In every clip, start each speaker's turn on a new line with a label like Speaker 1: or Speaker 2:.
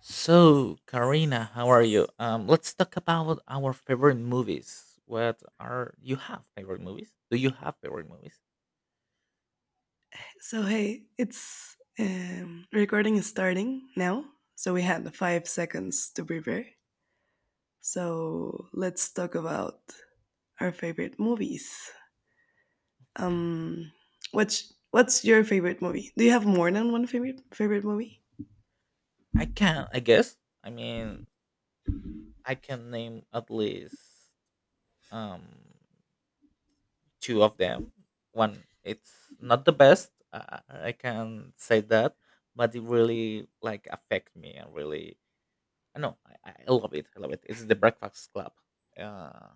Speaker 1: So, Karina, how are you? Let's talk about our favorite movies. What are you have favorite movies? Do you have favorite movies?
Speaker 2: So hey, it's recording is starting now. So we had 5 seconds to prepare. So let's talk about our favorite movies. Um, what's your favorite movie? Do you have more than one favorite movie?
Speaker 1: I can, I guess. I mean, I can name at least um two of them. One, it's not the best. I can say that, but it really like affect me and really. I know I love it. I love it. It's the Breakfast Club. Uh,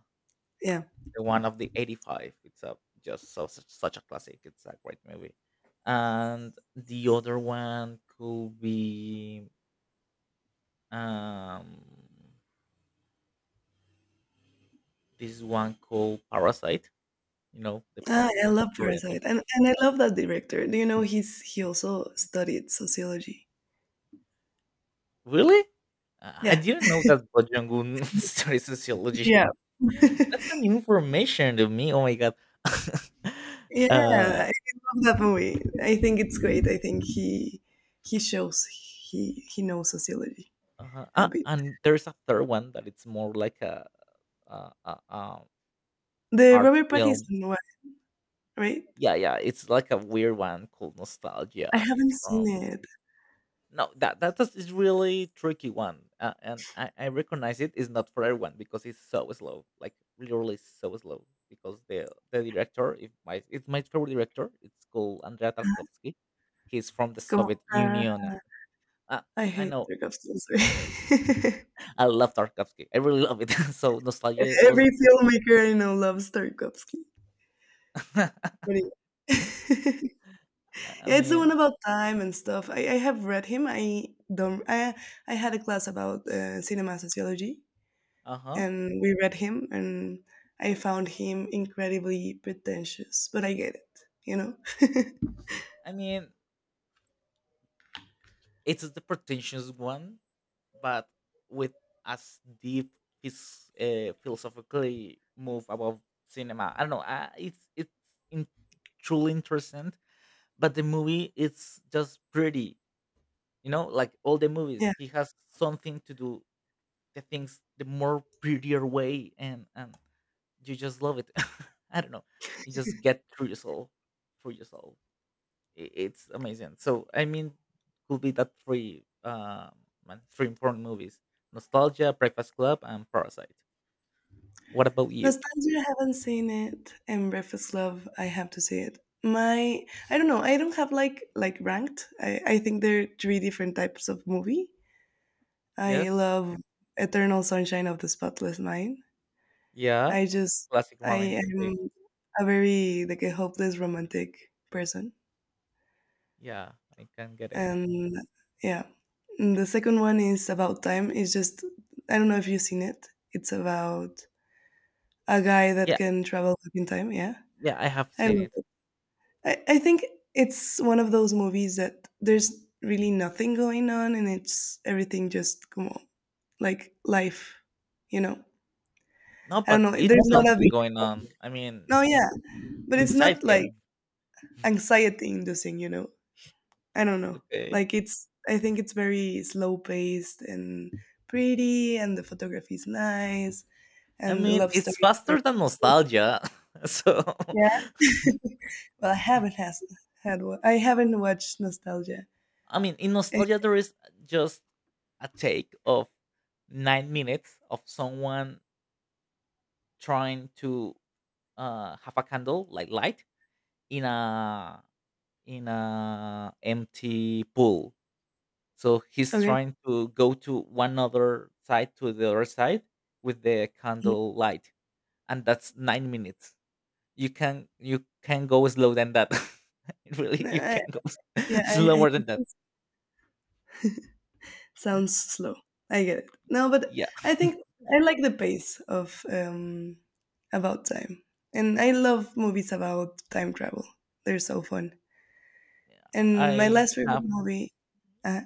Speaker 2: Yeah,
Speaker 1: the one of the 85, it's a just so such, such a classic, it's a great movie. And the other one could be um this one called Parasite, you know, the
Speaker 2: ah, I
Speaker 1: Parasite
Speaker 2: love
Speaker 1: Korean movie.
Speaker 2: Parasite, and I love that director. Do you know he also studied sociology?
Speaker 1: Really? I
Speaker 2: Yeah,
Speaker 1: didn't know that Park jong-un studied sociology.
Speaker 2: yeah.
Speaker 1: That's an information to me, oh my god.
Speaker 2: Yeah,
Speaker 1: uh,
Speaker 2: I love that movie. I think it's great. I think he shows he knows sociology
Speaker 1: uh
Speaker 2: a
Speaker 1: ah,
Speaker 2: bit.
Speaker 1: and there's a third one that it's more like a uh, uh, um,
Speaker 2: The
Speaker 1: art
Speaker 2: Robert
Speaker 1: film.
Speaker 2: Pattinson one, right?
Speaker 1: Yeah, yeah, it's like a weird one called
Speaker 2: I
Speaker 1: Nostalgia. It's
Speaker 2: haven't seen
Speaker 1: from,
Speaker 2: it.
Speaker 1: no, that is really tricky one, and I recognize it is not for everyone because it's so slow, like literally so slow. Because the director, if my it's my favorite director, it's called Andrea Tarkovsky. He's from the
Speaker 2: Come on.
Speaker 1: Soviet Union. Uh,
Speaker 2: I
Speaker 1: I
Speaker 2: hate
Speaker 1: know,
Speaker 2: Tarkovsky. I'm sorry.
Speaker 1: I love Tarkovsky. I really love it. So, nostalgia
Speaker 2: Every
Speaker 1: was,
Speaker 2: filmmaker I know loves Tarkovsky. But yeah.
Speaker 1: I
Speaker 2: Yeah, it's the one
Speaker 1: mean,
Speaker 2: about time and stuff. I have read him. I don't. I had a class about cinema sociology,
Speaker 1: uh huh.
Speaker 2: and we read him and I found him incredibly pretentious, but I get it, you know.
Speaker 1: I mean, it's the pretentious one, but with as deep his philosophically move about cinema. I don't know. It's in, truly interesting, but the movie it's just pretty. You know, like all the movies,
Speaker 2: Yeah,
Speaker 1: he has something to do the things the more prettier way, and you just love it. I don't know. You just get through yourself, through yourself, it's amazing. So I mean, could be that three my three important movies: Nostalgia, Breakfast Club, and Parasite. What about you?
Speaker 2: nostalgia I haven't seen, it and Breakfast Club I have to see. It my I don't know. I don't have like ranked. I think there are three different types of movie I
Speaker 1: Yes,
Speaker 2: love. Eternal Sunshine of the Spotless Mind,
Speaker 1: yeah,
Speaker 2: I just
Speaker 1: classic
Speaker 2: I
Speaker 1: romantic.
Speaker 2: am a very like a hopeless romantic person.
Speaker 1: Yeah, I can get it.
Speaker 2: And yeah and the second one is About Time. It's just, I don't know if you've seen it. It's about a guy that
Speaker 1: Yeah,
Speaker 2: can travel back in time. Yeah,
Speaker 1: yeah, I have
Speaker 2: I
Speaker 1: seen
Speaker 2: love
Speaker 1: it.
Speaker 2: it. I think it's one of those movies that there's really nothing going on, and it's everything, just come on, like life, you know.
Speaker 1: No,
Speaker 2: I don't
Speaker 1: but
Speaker 2: know,
Speaker 1: it's
Speaker 2: there's not a
Speaker 1: something
Speaker 2: big,
Speaker 1: going on. I mean,
Speaker 2: no, yeah, but it's
Speaker 1: inside
Speaker 2: not like
Speaker 1: him.
Speaker 2: anxiety inducing, you know. I don't know.
Speaker 1: Okay.
Speaker 2: Like it's, I think it's very slow paced and pretty, and the photography is nice,
Speaker 1: I
Speaker 2: and the
Speaker 1: mean,
Speaker 2: love
Speaker 1: it's
Speaker 2: story is very
Speaker 1: faster than nostalgia. So.
Speaker 2: yeah. Well I haven't has had wa- I haven't watched Nostalgia.
Speaker 1: I mean, in
Speaker 2: Eh,
Speaker 1: nostalgia, there is just a take of 9 minutes of someone trying to have a candle, like light, in a empty pool. So he's
Speaker 2: okay.
Speaker 1: trying to go to one other side to the other side with the
Speaker 2: Mhm.
Speaker 1: candle light, and that's 9 minutes. You can go slow than that. Really,
Speaker 2: No,
Speaker 1: you
Speaker 2: I,
Speaker 1: can go
Speaker 2: yeah, I
Speaker 1: slower than
Speaker 2: think
Speaker 1: that.
Speaker 2: it sounds slow. I get it. No, but
Speaker 1: Yeah,
Speaker 2: I think I like the pace of About Time. And I love movies about time travel. They're so fun. And my
Speaker 1: I
Speaker 2: last favorite
Speaker 1: have
Speaker 2: movie uh,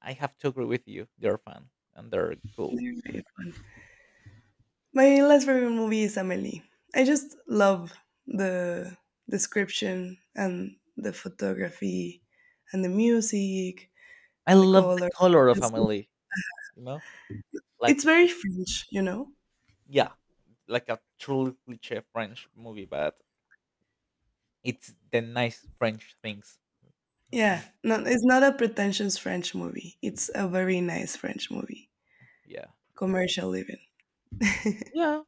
Speaker 1: I have to agree with you. They're fun and they're cool.
Speaker 2: they're very fun. My last favorite movie is Amelie. I just love the description and the photography and the music
Speaker 1: I
Speaker 2: and the
Speaker 1: love the
Speaker 2: color.
Speaker 1: color of
Speaker 2: It's,
Speaker 1: Amelie, you know,
Speaker 2: it's
Speaker 1: like
Speaker 2: very
Speaker 1: the
Speaker 2: French, you know?
Speaker 1: yeah, like a truly cliche French movie, but it's the nice French things.
Speaker 2: Yeah, no, it's not a pretentious French movie. It's a very nice French movie,
Speaker 1: Yeah, I can.
Speaker 2: commercial even.
Speaker 1: Yeah,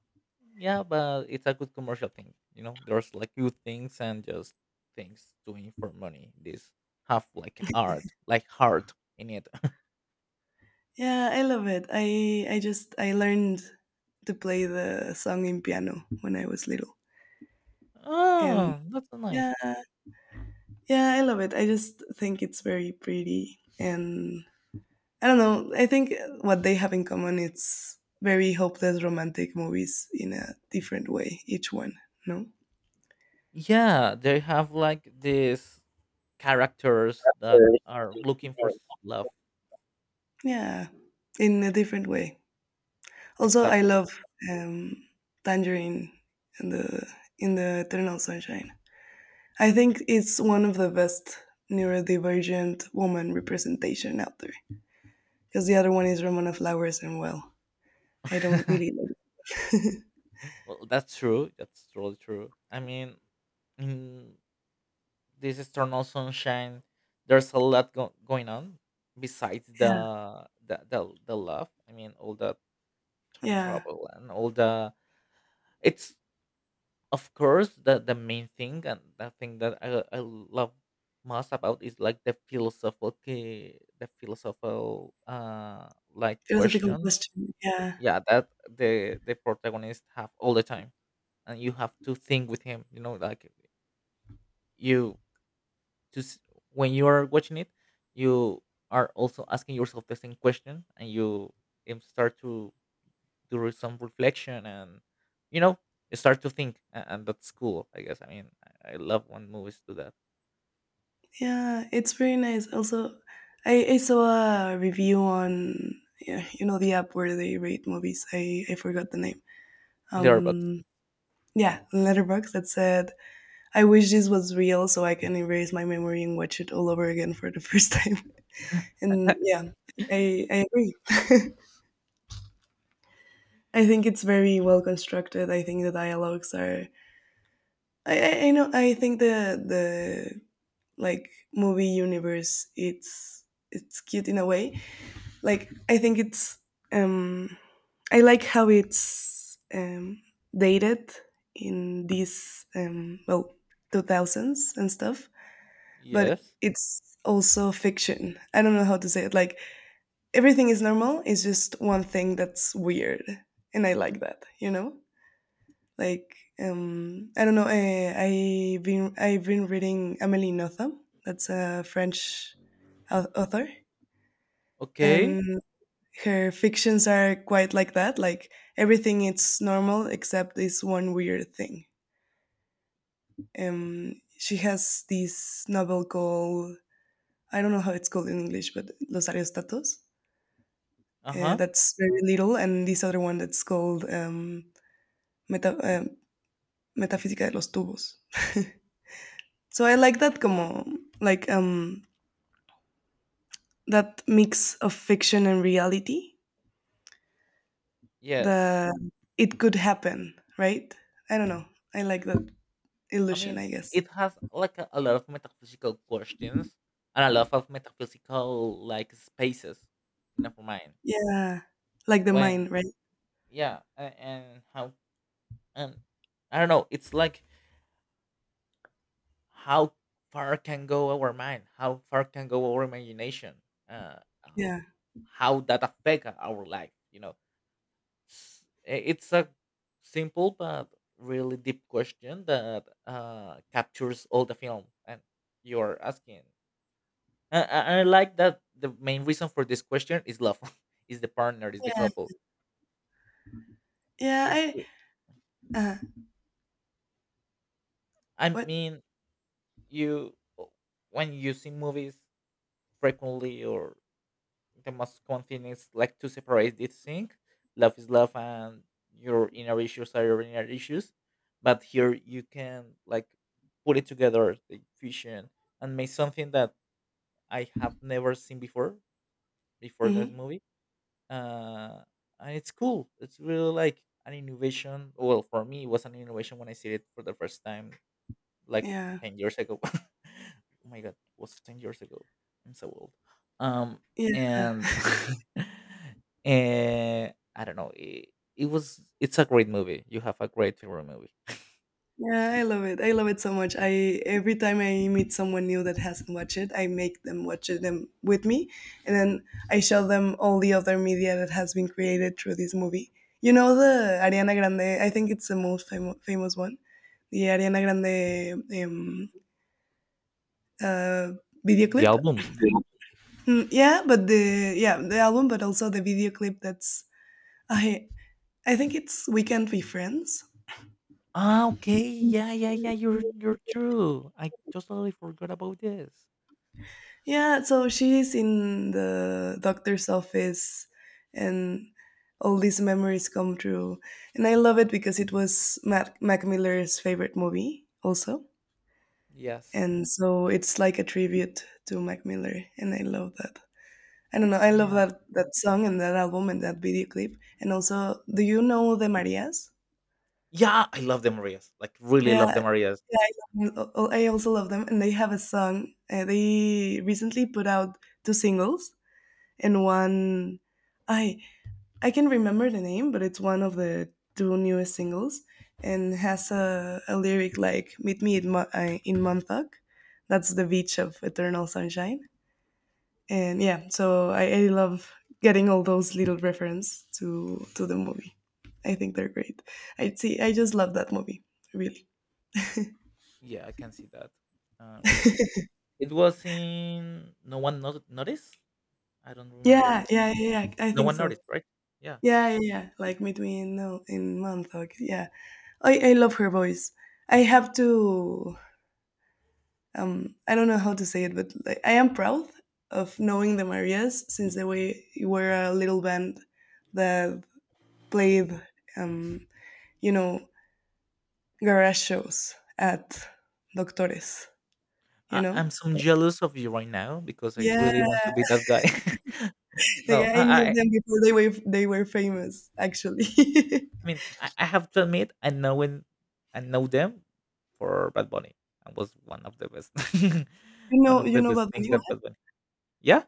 Speaker 1: yeah, but it's a good commercial thing. You know, there's like good things and just things doing for money. This have like art, like heart in it.
Speaker 2: Yeah, I love it. I just I learned to play the song in piano when I was little, and
Speaker 1: Oh, that's so nice.
Speaker 2: yeah, yeah, I love it. I just think it's very pretty, and I don't know. I think what they have in common, it's very hopeless romantic movies in a different way, each one, no?
Speaker 1: Yeah, they have like this characters that
Speaker 2: Sure.
Speaker 1: are looking for love.
Speaker 2: Yeah, in a different way. Also, I
Speaker 1: Exactly.
Speaker 2: love um, Tangerine and the in the Eternal Sunshine. I think it's one of the best neurodivergent woman representation out there, because the other one is Ramona Flowers, and well, I don't really like.
Speaker 1: Well, that's true. That's really true. I mean, in this Eternal Sunshine, there's a lot going on besides
Speaker 2: Yeah,
Speaker 1: the love. I mean, all the time
Speaker 2: yeah.
Speaker 1: travel and all the. It's of course the main thing, and the thing that I love most about is like the philosophical like
Speaker 2: Philosophical
Speaker 1: question.
Speaker 2: question. Yeah.
Speaker 1: Yeah, that the protagonist have all the time, and you have to think with him. You know, like you just when you are watching it, you are also asking yourself the same question, and you start to do some reflection, and you know, you start to think, and that's cool. I guess. I mean, I love when movies do that.
Speaker 2: Yeah, it's very nice. Also, I saw a review on, yeah, you know, the app where they rate movies. I forgot the name.
Speaker 1: Letterbox.
Speaker 2: Um, yeah, Letterbox, that said, "I wish this was real so I can erase my memory and watch it all over again for the first time." And yeah, I agree. I think it's very well constructed. I think the dialogues are. I know. I think the like movie universe. It's cute in a way, like I think it's um I like how it's dated in these 2000s and stuff, but
Speaker 1: Yes.
Speaker 2: it's also fiction. I don't know how to say it, like everything is normal, it's just one thing that's weird, and I like that, you know. Like I don't know, I've been reading Amelie Notham. That's a French author,
Speaker 1: Okay.
Speaker 2: and her fictions are quite like that. Like everything is normal except this one weird thing. She has this novel called, I don't know how it's called in English, but Los Ariestatos.
Speaker 1: Uh huh.
Speaker 2: That's very little, and this other one that's called Meta, uh, Metafísica de los Tubos. So I like that, como like that mix of fiction and reality.
Speaker 1: Yes.
Speaker 2: The It could happen, right? I don't know. I like that
Speaker 1: I
Speaker 2: illusion,
Speaker 1: mean,
Speaker 2: I guess.
Speaker 1: it has like a lot of metaphysical questions and a lot of metaphysical like spaces in our mind.
Speaker 2: Yeah, like the
Speaker 1: When
Speaker 2: mine, right?
Speaker 1: Yeah, and how, and I don't know. It's like how far can go our mind, how far can go our imagination, uh, um,
Speaker 2: Yeah.
Speaker 1: how that affect our life. You know, it's a simple but really deep question that captures all the film, and you're asking. And I like that the main reason for this question is love, is the partner, is the
Speaker 2: Yeah.
Speaker 1: couple.
Speaker 2: Yeah,
Speaker 1: It,
Speaker 2: I uh,
Speaker 1: I
Speaker 2: what?
Speaker 1: mean, you when you see movies frequently, or the most common thing is like to separate this thing. Love is love, and your inner issues are your inner issues. But here you can like put it together, the fusion, and make something that I have never seen before this
Speaker 2: Mhm.
Speaker 1: movie. uh, and it's cool. It's really like an innovation. Well, for me, it was an innovation when I see it for the first time, like
Speaker 2: Yeah.
Speaker 1: 10 years ago. Oh my god, it was 10 years ago. I'm so old. Um,
Speaker 2: Yeah.
Speaker 1: and and I don't know. It was. It's a great movie. You have a great favorite movie.
Speaker 2: Yeah, I love it. I love it so much. I every time I meet someone new that hasn't watched it, I make them watch it them with me, and then I show them all the other media that has been created through this movie. You know the Ariana Grande. I think it's the most famous one, the Ariana Grande um, uh, video
Speaker 1: The
Speaker 2: clip.
Speaker 1: album.
Speaker 2: Mm, yeah, but the, yeah, the album, but also the video clip, that's I I think it's We Can't Be Friends.
Speaker 1: Ah, okay. Yeah, yeah, yeah. You're true. I totally forgot about this.
Speaker 2: Yeah, so she's in the doctor's office, and all these memories come true. And I love it because it was Mac Miller's favorite movie also.
Speaker 1: Yes.
Speaker 2: And so it's like a tribute to Mac Miller, and I love that. I don't know, I love that song and that album and that video clip. And also, do you know the Marias?
Speaker 1: Yeah, I love the Marias. Like really love the
Speaker 2: Yeah,
Speaker 1: Marias.
Speaker 2: yeah, I love them. Oh, oh, I also love them, and they have a song. They recently put out two singles, and one I I can remember the name, but it's one of the two newest singles, and has a lyric like, "Meet me in, in Montauk," that's the beach of Eternal Sunshine, and yeah, so I love getting all those little reference to the movie. I think they're great. I see. I just love that movie, really.
Speaker 1: Yeah, I can see that. Really, it was in no one noticed. I don't
Speaker 2: Yeah,
Speaker 1: remember.
Speaker 2: yeah, yeah, yeah, I
Speaker 1: No
Speaker 2: think
Speaker 1: one
Speaker 2: so.
Speaker 1: noticed, right? Yeah,
Speaker 2: Yeah, yeah, yeah. Like between no in month, like yeah. I love her voice. I have to. I don't know how to say it, but like, I am proud of knowing the Marias since they were a little band that played, um, you know, garage shows at Doctores. You
Speaker 1: I'm
Speaker 2: know.
Speaker 1: so jealous of you right now because I
Speaker 2: Yeah,
Speaker 1: really want to be that guy.
Speaker 2: like
Speaker 1: No,
Speaker 2: I knew them before they were famous. Actually,
Speaker 1: I mean, I have to admit, I know when I know them for Bad Bunny. I was one of the best, one of
Speaker 2: you
Speaker 1: the
Speaker 2: know Bad
Speaker 1: best things
Speaker 2: Bunny.
Speaker 1: that Bad Bunny. Yeah,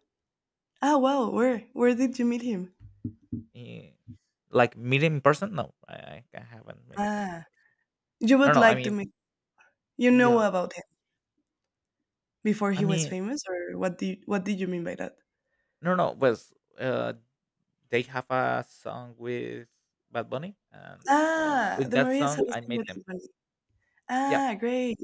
Speaker 2: Ah, wow. Where? Where did you meet him?
Speaker 1: eh, like meet him in person. No, I haven't met them.
Speaker 2: Ah, you
Speaker 1: No,
Speaker 2: would
Speaker 1: no. I
Speaker 2: like to
Speaker 1: mean,
Speaker 2: meet. You know
Speaker 1: yeah.
Speaker 2: about him before
Speaker 1: I
Speaker 2: he was
Speaker 1: mean,
Speaker 2: famous, or what did you mean by that?
Speaker 1: no, no. Was uh, they have a song with Bad Bunny, and
Speaker 2: Ah,
Speaker 1: with
Speaker 2: the
Speaker 1: that
Speaker 2: Maria
Speaker 1: song, I
Speaker 2: Celeste
Speaker 1: made
Speaker 2: with
Speaker 1: them.
Speaker 2: Tiffany.
Speaker 1: Yeah,
Speaker 2: Ah, great.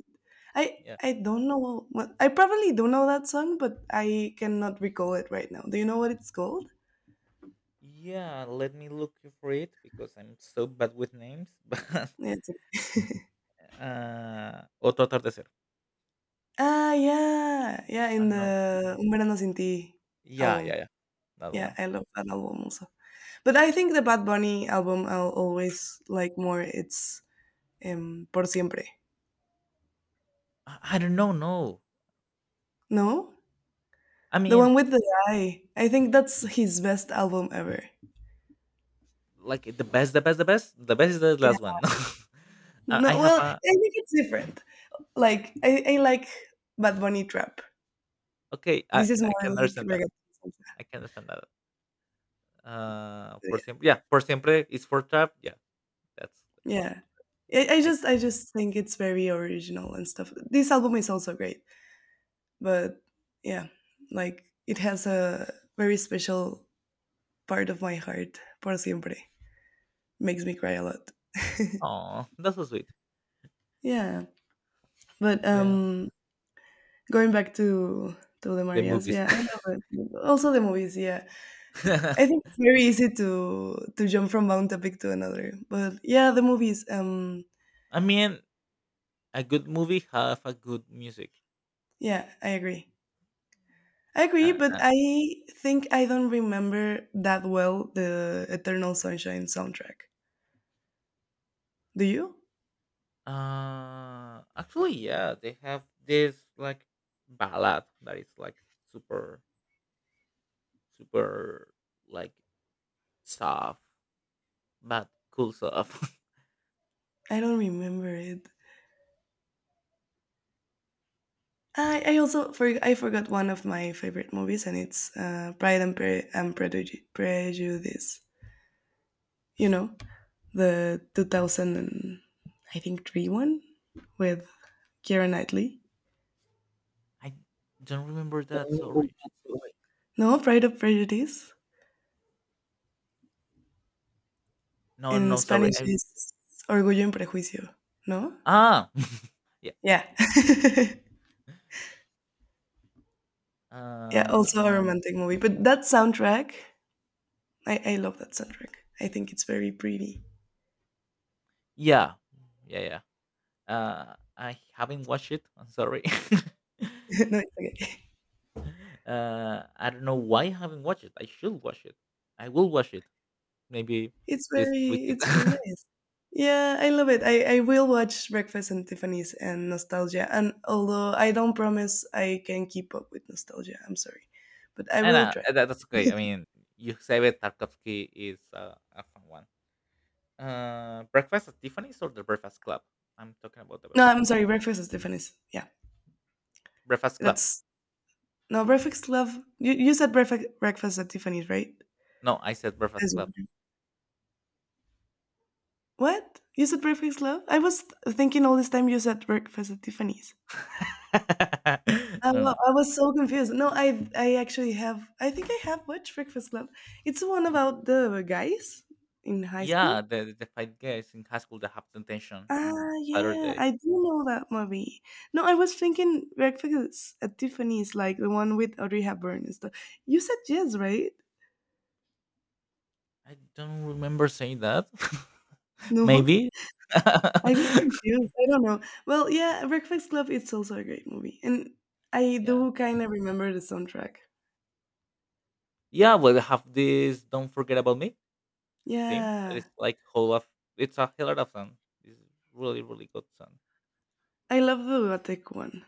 Speaker 1: yeah,
Speaker 2: I don't know what I probably don't know that song, but I cannot recall it right now. Do you know what it's called?
Speaker 1: yeah. Let me look for it because I'm so bad with names. But
Speaker 2: It's
Speaker 1: Otro Atardecer.
Speaker 2: ah, yeah, yeah,
Speaker 1: I
Speaker 2: in
Speaker 1: don't
Speaker 2: the
Speaker 1: know.
Speaker 2: Un Verano Sin Ti
Speaker 1: Yeah, yeah,
Speaker 2: album.
Speaker 1: yeah. That
Speaker 2: Yeah,
Speaker 1: one.
Speaker 2: I love that album also. But I think the Bad Bunny album I'll always like more. It's Por Siempre.
Speaker 1: I don't know. No.
Speaker 2: No?
Speaker 1: I
Speaker 2: The one
Speaker 1: mean,
Speaker 2: with the eye. I think that's his best album ever.
Speaker 1: like the best, the best, the best, the best is the
Speaker 2: Yeah.
Speaker 1: last one. I
Speaker 2: No,
Speaker 1: have
Speaker 2: well, I
Speaker 1: a
Speaker 2: think it's different. Like, I like Bad Bunny Trap.
Speaker 1: okay. I
Speaker 2: This is
Speaker 1: I
Speaker 2: more
Speaker 1: can
Speaker 2: like
Speaker 1: understand that.
Speaker 2: reggaeton.
Speaker 1: I can understand that. Por
Speaker 2: Yeah.
Speaker 1: siempre. Yeah, por siempre is for trap. Yeah, that's
Speaker 2: Yeah.
Speaker 1: I can.
Speaker 2: I just think it's very original and stuff. This album is also great, but yeah, like it has a very special part of my heart. Por Siempre makes me cry a lot.
Speaker 1: Oh, that's so sweet.
Speaker 2: Yeah, but
Speaker 1: Yeah,
Speaker 2: going back to the
Speaker 1: the
Speaker 2: Marias,
Speaker 1: movies.
Speaker 2: yeah, I love it. Also the movies, yeah. I think it's very easy to jump from one topic to another, but yeah, the movies.
Speaker 1: I mean, a good movie have a good music.
Speaker 2: Yeah, I agree. I agree,
Speaker 1: Uh,
Speaker 2: but
Speaker 1: uh,
Speaker 2: I think I don't remember that well the Eternal Sunshine soundtrack. Do you?
Speaker 1: Actually, yeah, they have this like ballad that is like super, super like soft, but cool soft.
Speaker 2: I don't remember it. I forgot one of my favorite movies, and it's Pride and, Prejudice. Prejudice. You know? The 2000 and I think 3 1, with Keira Knightley.
Speaker 1: I don't remember that. Sorry.
Speaker 2: No, Pride of Prejudice.
Speaker 1: No,
Speaker 2: In
Speaker 1: no, sorry.
Speaker 2: Spanish is Orgullo y Prejuicio. No?
Speaker 1: Ah, yeah.
Speaker 2: Yeah. Yeah,
Speaker 1: Uh,
Speaker 2: also a romantic movie. But that soundtrack, I love that soundtrack. I think it's very pretty.
Speaker 1: Yeah. Yeah, yeah. I haven't watched it. I'm sorry.
Speaker 2: No, it's okay.
Speaker 1: I don't know why I haven't watched it. I should watch it. I will watch it maybe
Speaker 2: It's
Speaker 1: this
Speaker 2: very,
Speaker 1: weekend.
Speaker 2: it's very nice. Yeah, I love it. I will watch Breakfast and Tiffany's and Nostalgia. And although I don't promise I can keep up with Nostalgia, I'm sorry. But I
Speaker 1: And
Speaker 2: will try.
Speaker 1: that's okay. I mean, Yusebe Tarkovsky is a fun one. Breakfast at Tiffany's or the Breakfast Club? I'm talking about the
Speaker 2: No,
Speaker 1: Breakfast
Speaker 2: I'm
Speaker 1: Club.
Speaker 2: sorry, Breakfast at Tiffany's. Yeah.
Speaker 1: Breakfast Club.
Speaker 2: That's no Breakfast Love. You said Breakfast at Tiffany's, right?
Speaker 1: No, I said Breakfast
Speaker 2: As-
Speaker 1: Club.
Speaker 2: What? You said Breakfast Love? I was thinking all this time you said Breakfast at Tiffany's.
Speaker 1: No, no.
Speaker 2: I was so confused. No, I actually have. I think I have watched Breakfast Club. It's the one about the guys in high
Speaker 1: Yeah,
Speaker 2: school.
Speaker 1: the five guys in high school that have detention
Speaker 2: Ah,
Speaker 1: on
Speaker 2: yeah,
Speaker 1: Saturday.
Speaker 2: I do know that movie. No, I was thinking Breakfast at Tiffany's, like the one with Audrey Hepburn and stuff. You said yes, right?
Speaker 1: I don't remember saying that.
Speaker 2: No,
Speaker 1: Maybe.
Speaker 2: I get confused. I don't know. Well, yeah, Breakfast Club. It's also a great movie, and I
Speaker 1: Yeah.
Speaker 2: do kind of remember the soundtrack.
Speaker 1: Yeah, well, they have this "Don't Forget About Me" theme that
Speaker 2: Yeah,
Speaker 1: is like whole of it's a hell of a song. It's really really good song.
Speaker 2: I love the Lotte one.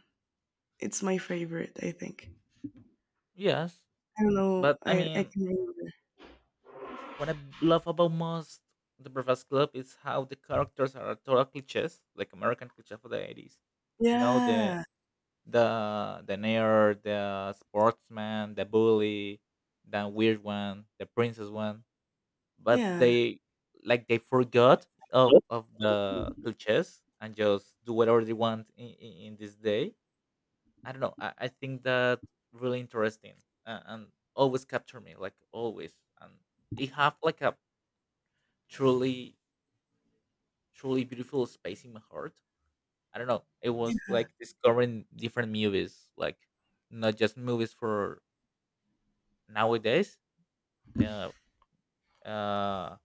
Speaker 2: It's my favorite, I think.
Speaker 1: Yes,
Speaker 2: I don't know.
Speaker 1: but I
Speaker 2: I
Speaker 1: mean,
Speaker 2: can remember.
Speaker 1: what I love about most the Breakfast Club is how the characters are total cliches, like American cliché for the 80s. You know the
Speaker 2: Yeah,
Speaker 1: the the nerd, the sportsman, the bully, the weird one, the princess one. But
Speaker 2: yeah.
Speaker 1: they they forgot of the cliches and just do whatever they want in this day. I don't know. I think that really interesting, and always capture me like always. And it have like a truly truly beautiful space in my heart. I don't know. It was like discovering different movies, like not just movies for nowadays, uh, uh,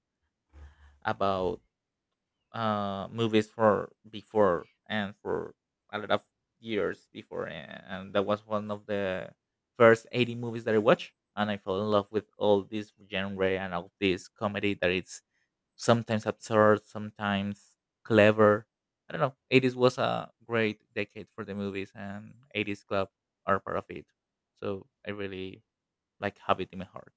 Speaker 1: about movies for before and for a lot of years before, and that was one of the first 80 movies that I watched, and I fell in love with all this genre and all this comedy that it's sometimes absurd, sometimes clever. I don't know. 80s was a great decade for the movies, and 80s club are part of it. So I really like have it in my heart.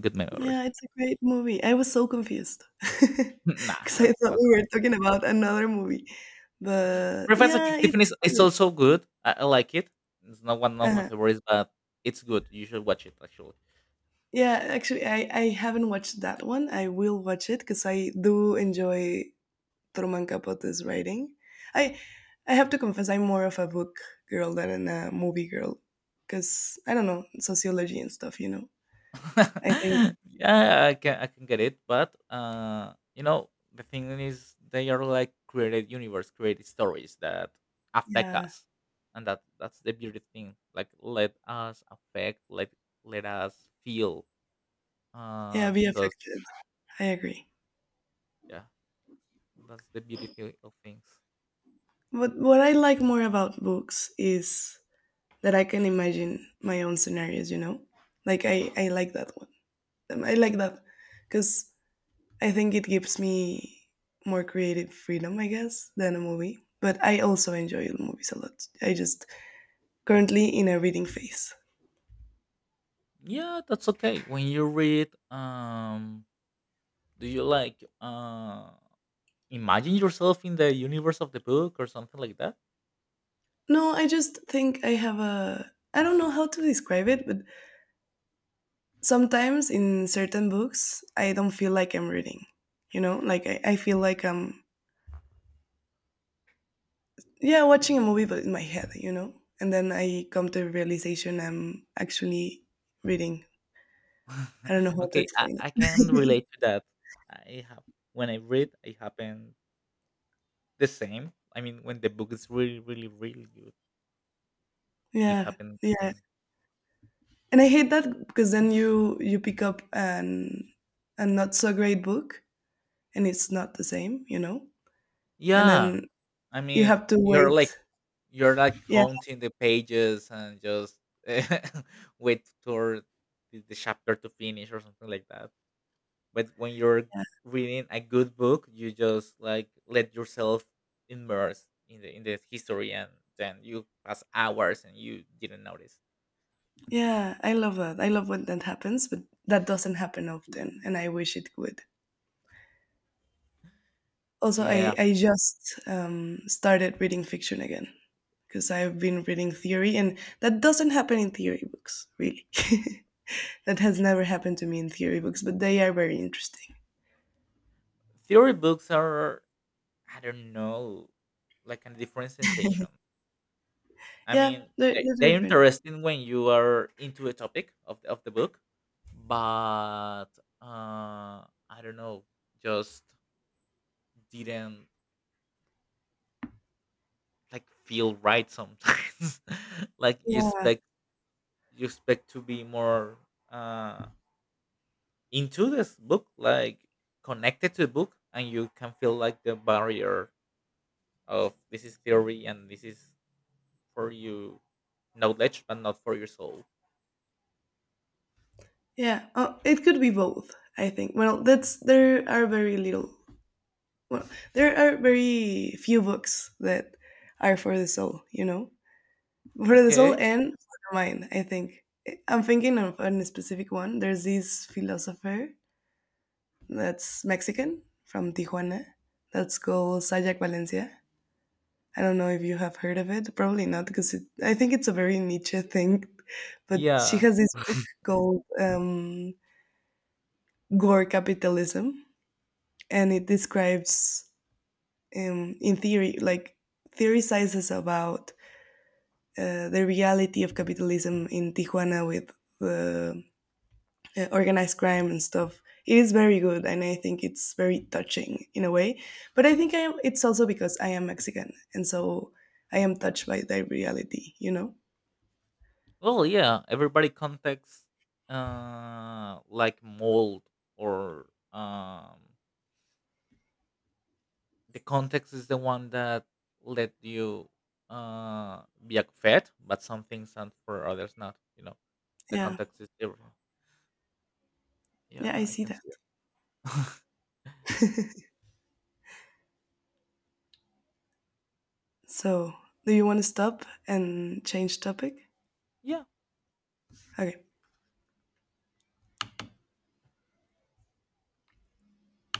Speaker 1: Good memories.
Speaker 2: Yeah, it's a great movie. I was so confused
Speaker 1: Nah,
Speaker 2: because
Speaker 1: that
Speaker 2: I thought
Speaker 1: that's
Speaker 2: we were
Speaker 1: okay.
Speaker 2: talking about another movie, but
Speaker 1: Breakfast
Speaker 2: yeah,
Speaker 1: at Tiffany's is
Speaker 2: it,
Speaker 1: also good. I like it. It's not one of my
Speaker 2: uh,
Speaker 1: favorites, but it's good. You should watch it actually.
Speaker 2: yeah. Actually, I haven't watched that one. I will watch it because I do enjoy Truman Capote's writing. I I have to confess, I'm more of a book girl than a movie girl, because I don't know, sociology and stuff. You know, I think
Speaker 1: Yeah, I can get it, but you know the thing is they are like created universe, created stories that affect
Speaker 2: yeah,
Speaker 1: us, and that's the beauty thing. Like let us affect, let us feel.
Speaker 2: yeah, be
Speaker 1: Because
Speaker 2: affected. I agree.
Speaker 1: yeah, that's the beauty of things.
Speaker 2: But what I like more about books is that I can imagine my own scenarios, you know? Like, I like that one. I like that because I think it gives me more creative freedom, I guess, than a movie. But I also enjoy movies a lot. I just currently in a reading phase.
Speaker 1: Yeah, that's okay. When you read, do you like imagine yourself in the universe of the book or something like that?
Speaker 2: No, I just think I have a. I don't know how to describe it, but sometimes in certain books, I don't feel like I'm reading. You know, like I feel like I'm, yeah, watching a movie but in my head, you know, and then I come to the realization I'm actually reading. I don't know how to
Speaker 1: Okay, I,
Speaker 2: explain it.
Speaker 1: I can relate to that. I have. When I read, it happened the same. I mean, when the book is really, really, really good, it
Speaker 2: Yeah,
Speaker 1: happened the
Speaker 2: yeah.
Speaker 1: same.
Speaker 2: And I hate that, because then you pick up an a not so great book, and it's not the same, you know, and
Speaker 1: Yeah,
Speaker 2: then
Speaker 1: I
Speaker 2: you
Speaker 1: mean,
Speaker 2: have to
Speaker 1: you're like
Speaker 2: wait.
Speaker 1: you're like
Speaker 2: Yeah,
Speaker 1: counting the pages and just wait for the chapter to finish or something like that. But when you're reading a good book, you just like let yourself immerse in the history, and then you pass hours and you didn't notice.
Speaker 2: yeah, I love that. I love when that happens, but that doesn't happen often, and I wish it would. Also,
Speaker 1: Yeah.
Speaker 2: I just started reading fiction again, because I've been reading theory, and that doesn't happen in theory books, really. That has never happened to me in theory books, but they are very interesting.
Speaker 1: Theory books are, I don't know, like a different sensation. I
Speaker 2: Yeah,
Speaker 1: mean, they,
Speaker 2: they're
Speaker 1: they're
Speaker 2: different.
Speaker 1: interesting when you are into a topic of the book, but uh I don't know, just didn't like feel right sometimes. Like you
Speaker 2: Yeah,
Speaker 1: expect, to be more, uh, into this book, like connected to the book, and you can feel like the barrier of this is theory and this is for you knowledge, but not for your soul.
Speaker 2: yeah. Oh, it could be both, I think. Well, that's there are very little. Well, there are very few books that are for the soul, you know, for the soul
Speaker 1: Okay.
Speaker 2: and for the mind. I think I'm thinking of a specific one. There's this philosopher that's Mexican from Tijuana. That's called Sayak Valencia. I don't know if you have heard of it. Probably not, because it, I think it's a very niche thing. But she
Speaker 1: Yeah.
Speaker 2: has this book called Gore Capitalism, and it describes, in theory, like theorizes about the reality of capitalism in Tijuana with the organized crime and stuff. It is very good, and I think it's very touching in a way. But I think I am, it's also because I am Mexican, and so I am touched by that reality. You know?
Speaker 1: Well, yeah. Everybody contacts like mold or the context is the one that let you be fed but some things and for others not, the
Speaker 2: Yeah,
Speaker 1: context is everything.
Speaker 2: yeah,
Speaker 1: Yeah,
Speaker 2: I
Speaker 1: I
Speaker 2: see
Speaker 1: can
Speaker 2: that.
Speaker 1: see it.
Speaker 2: So, do you want to stop and change topic?
Speaker 1: Yeah.
Speaker 2: Okay.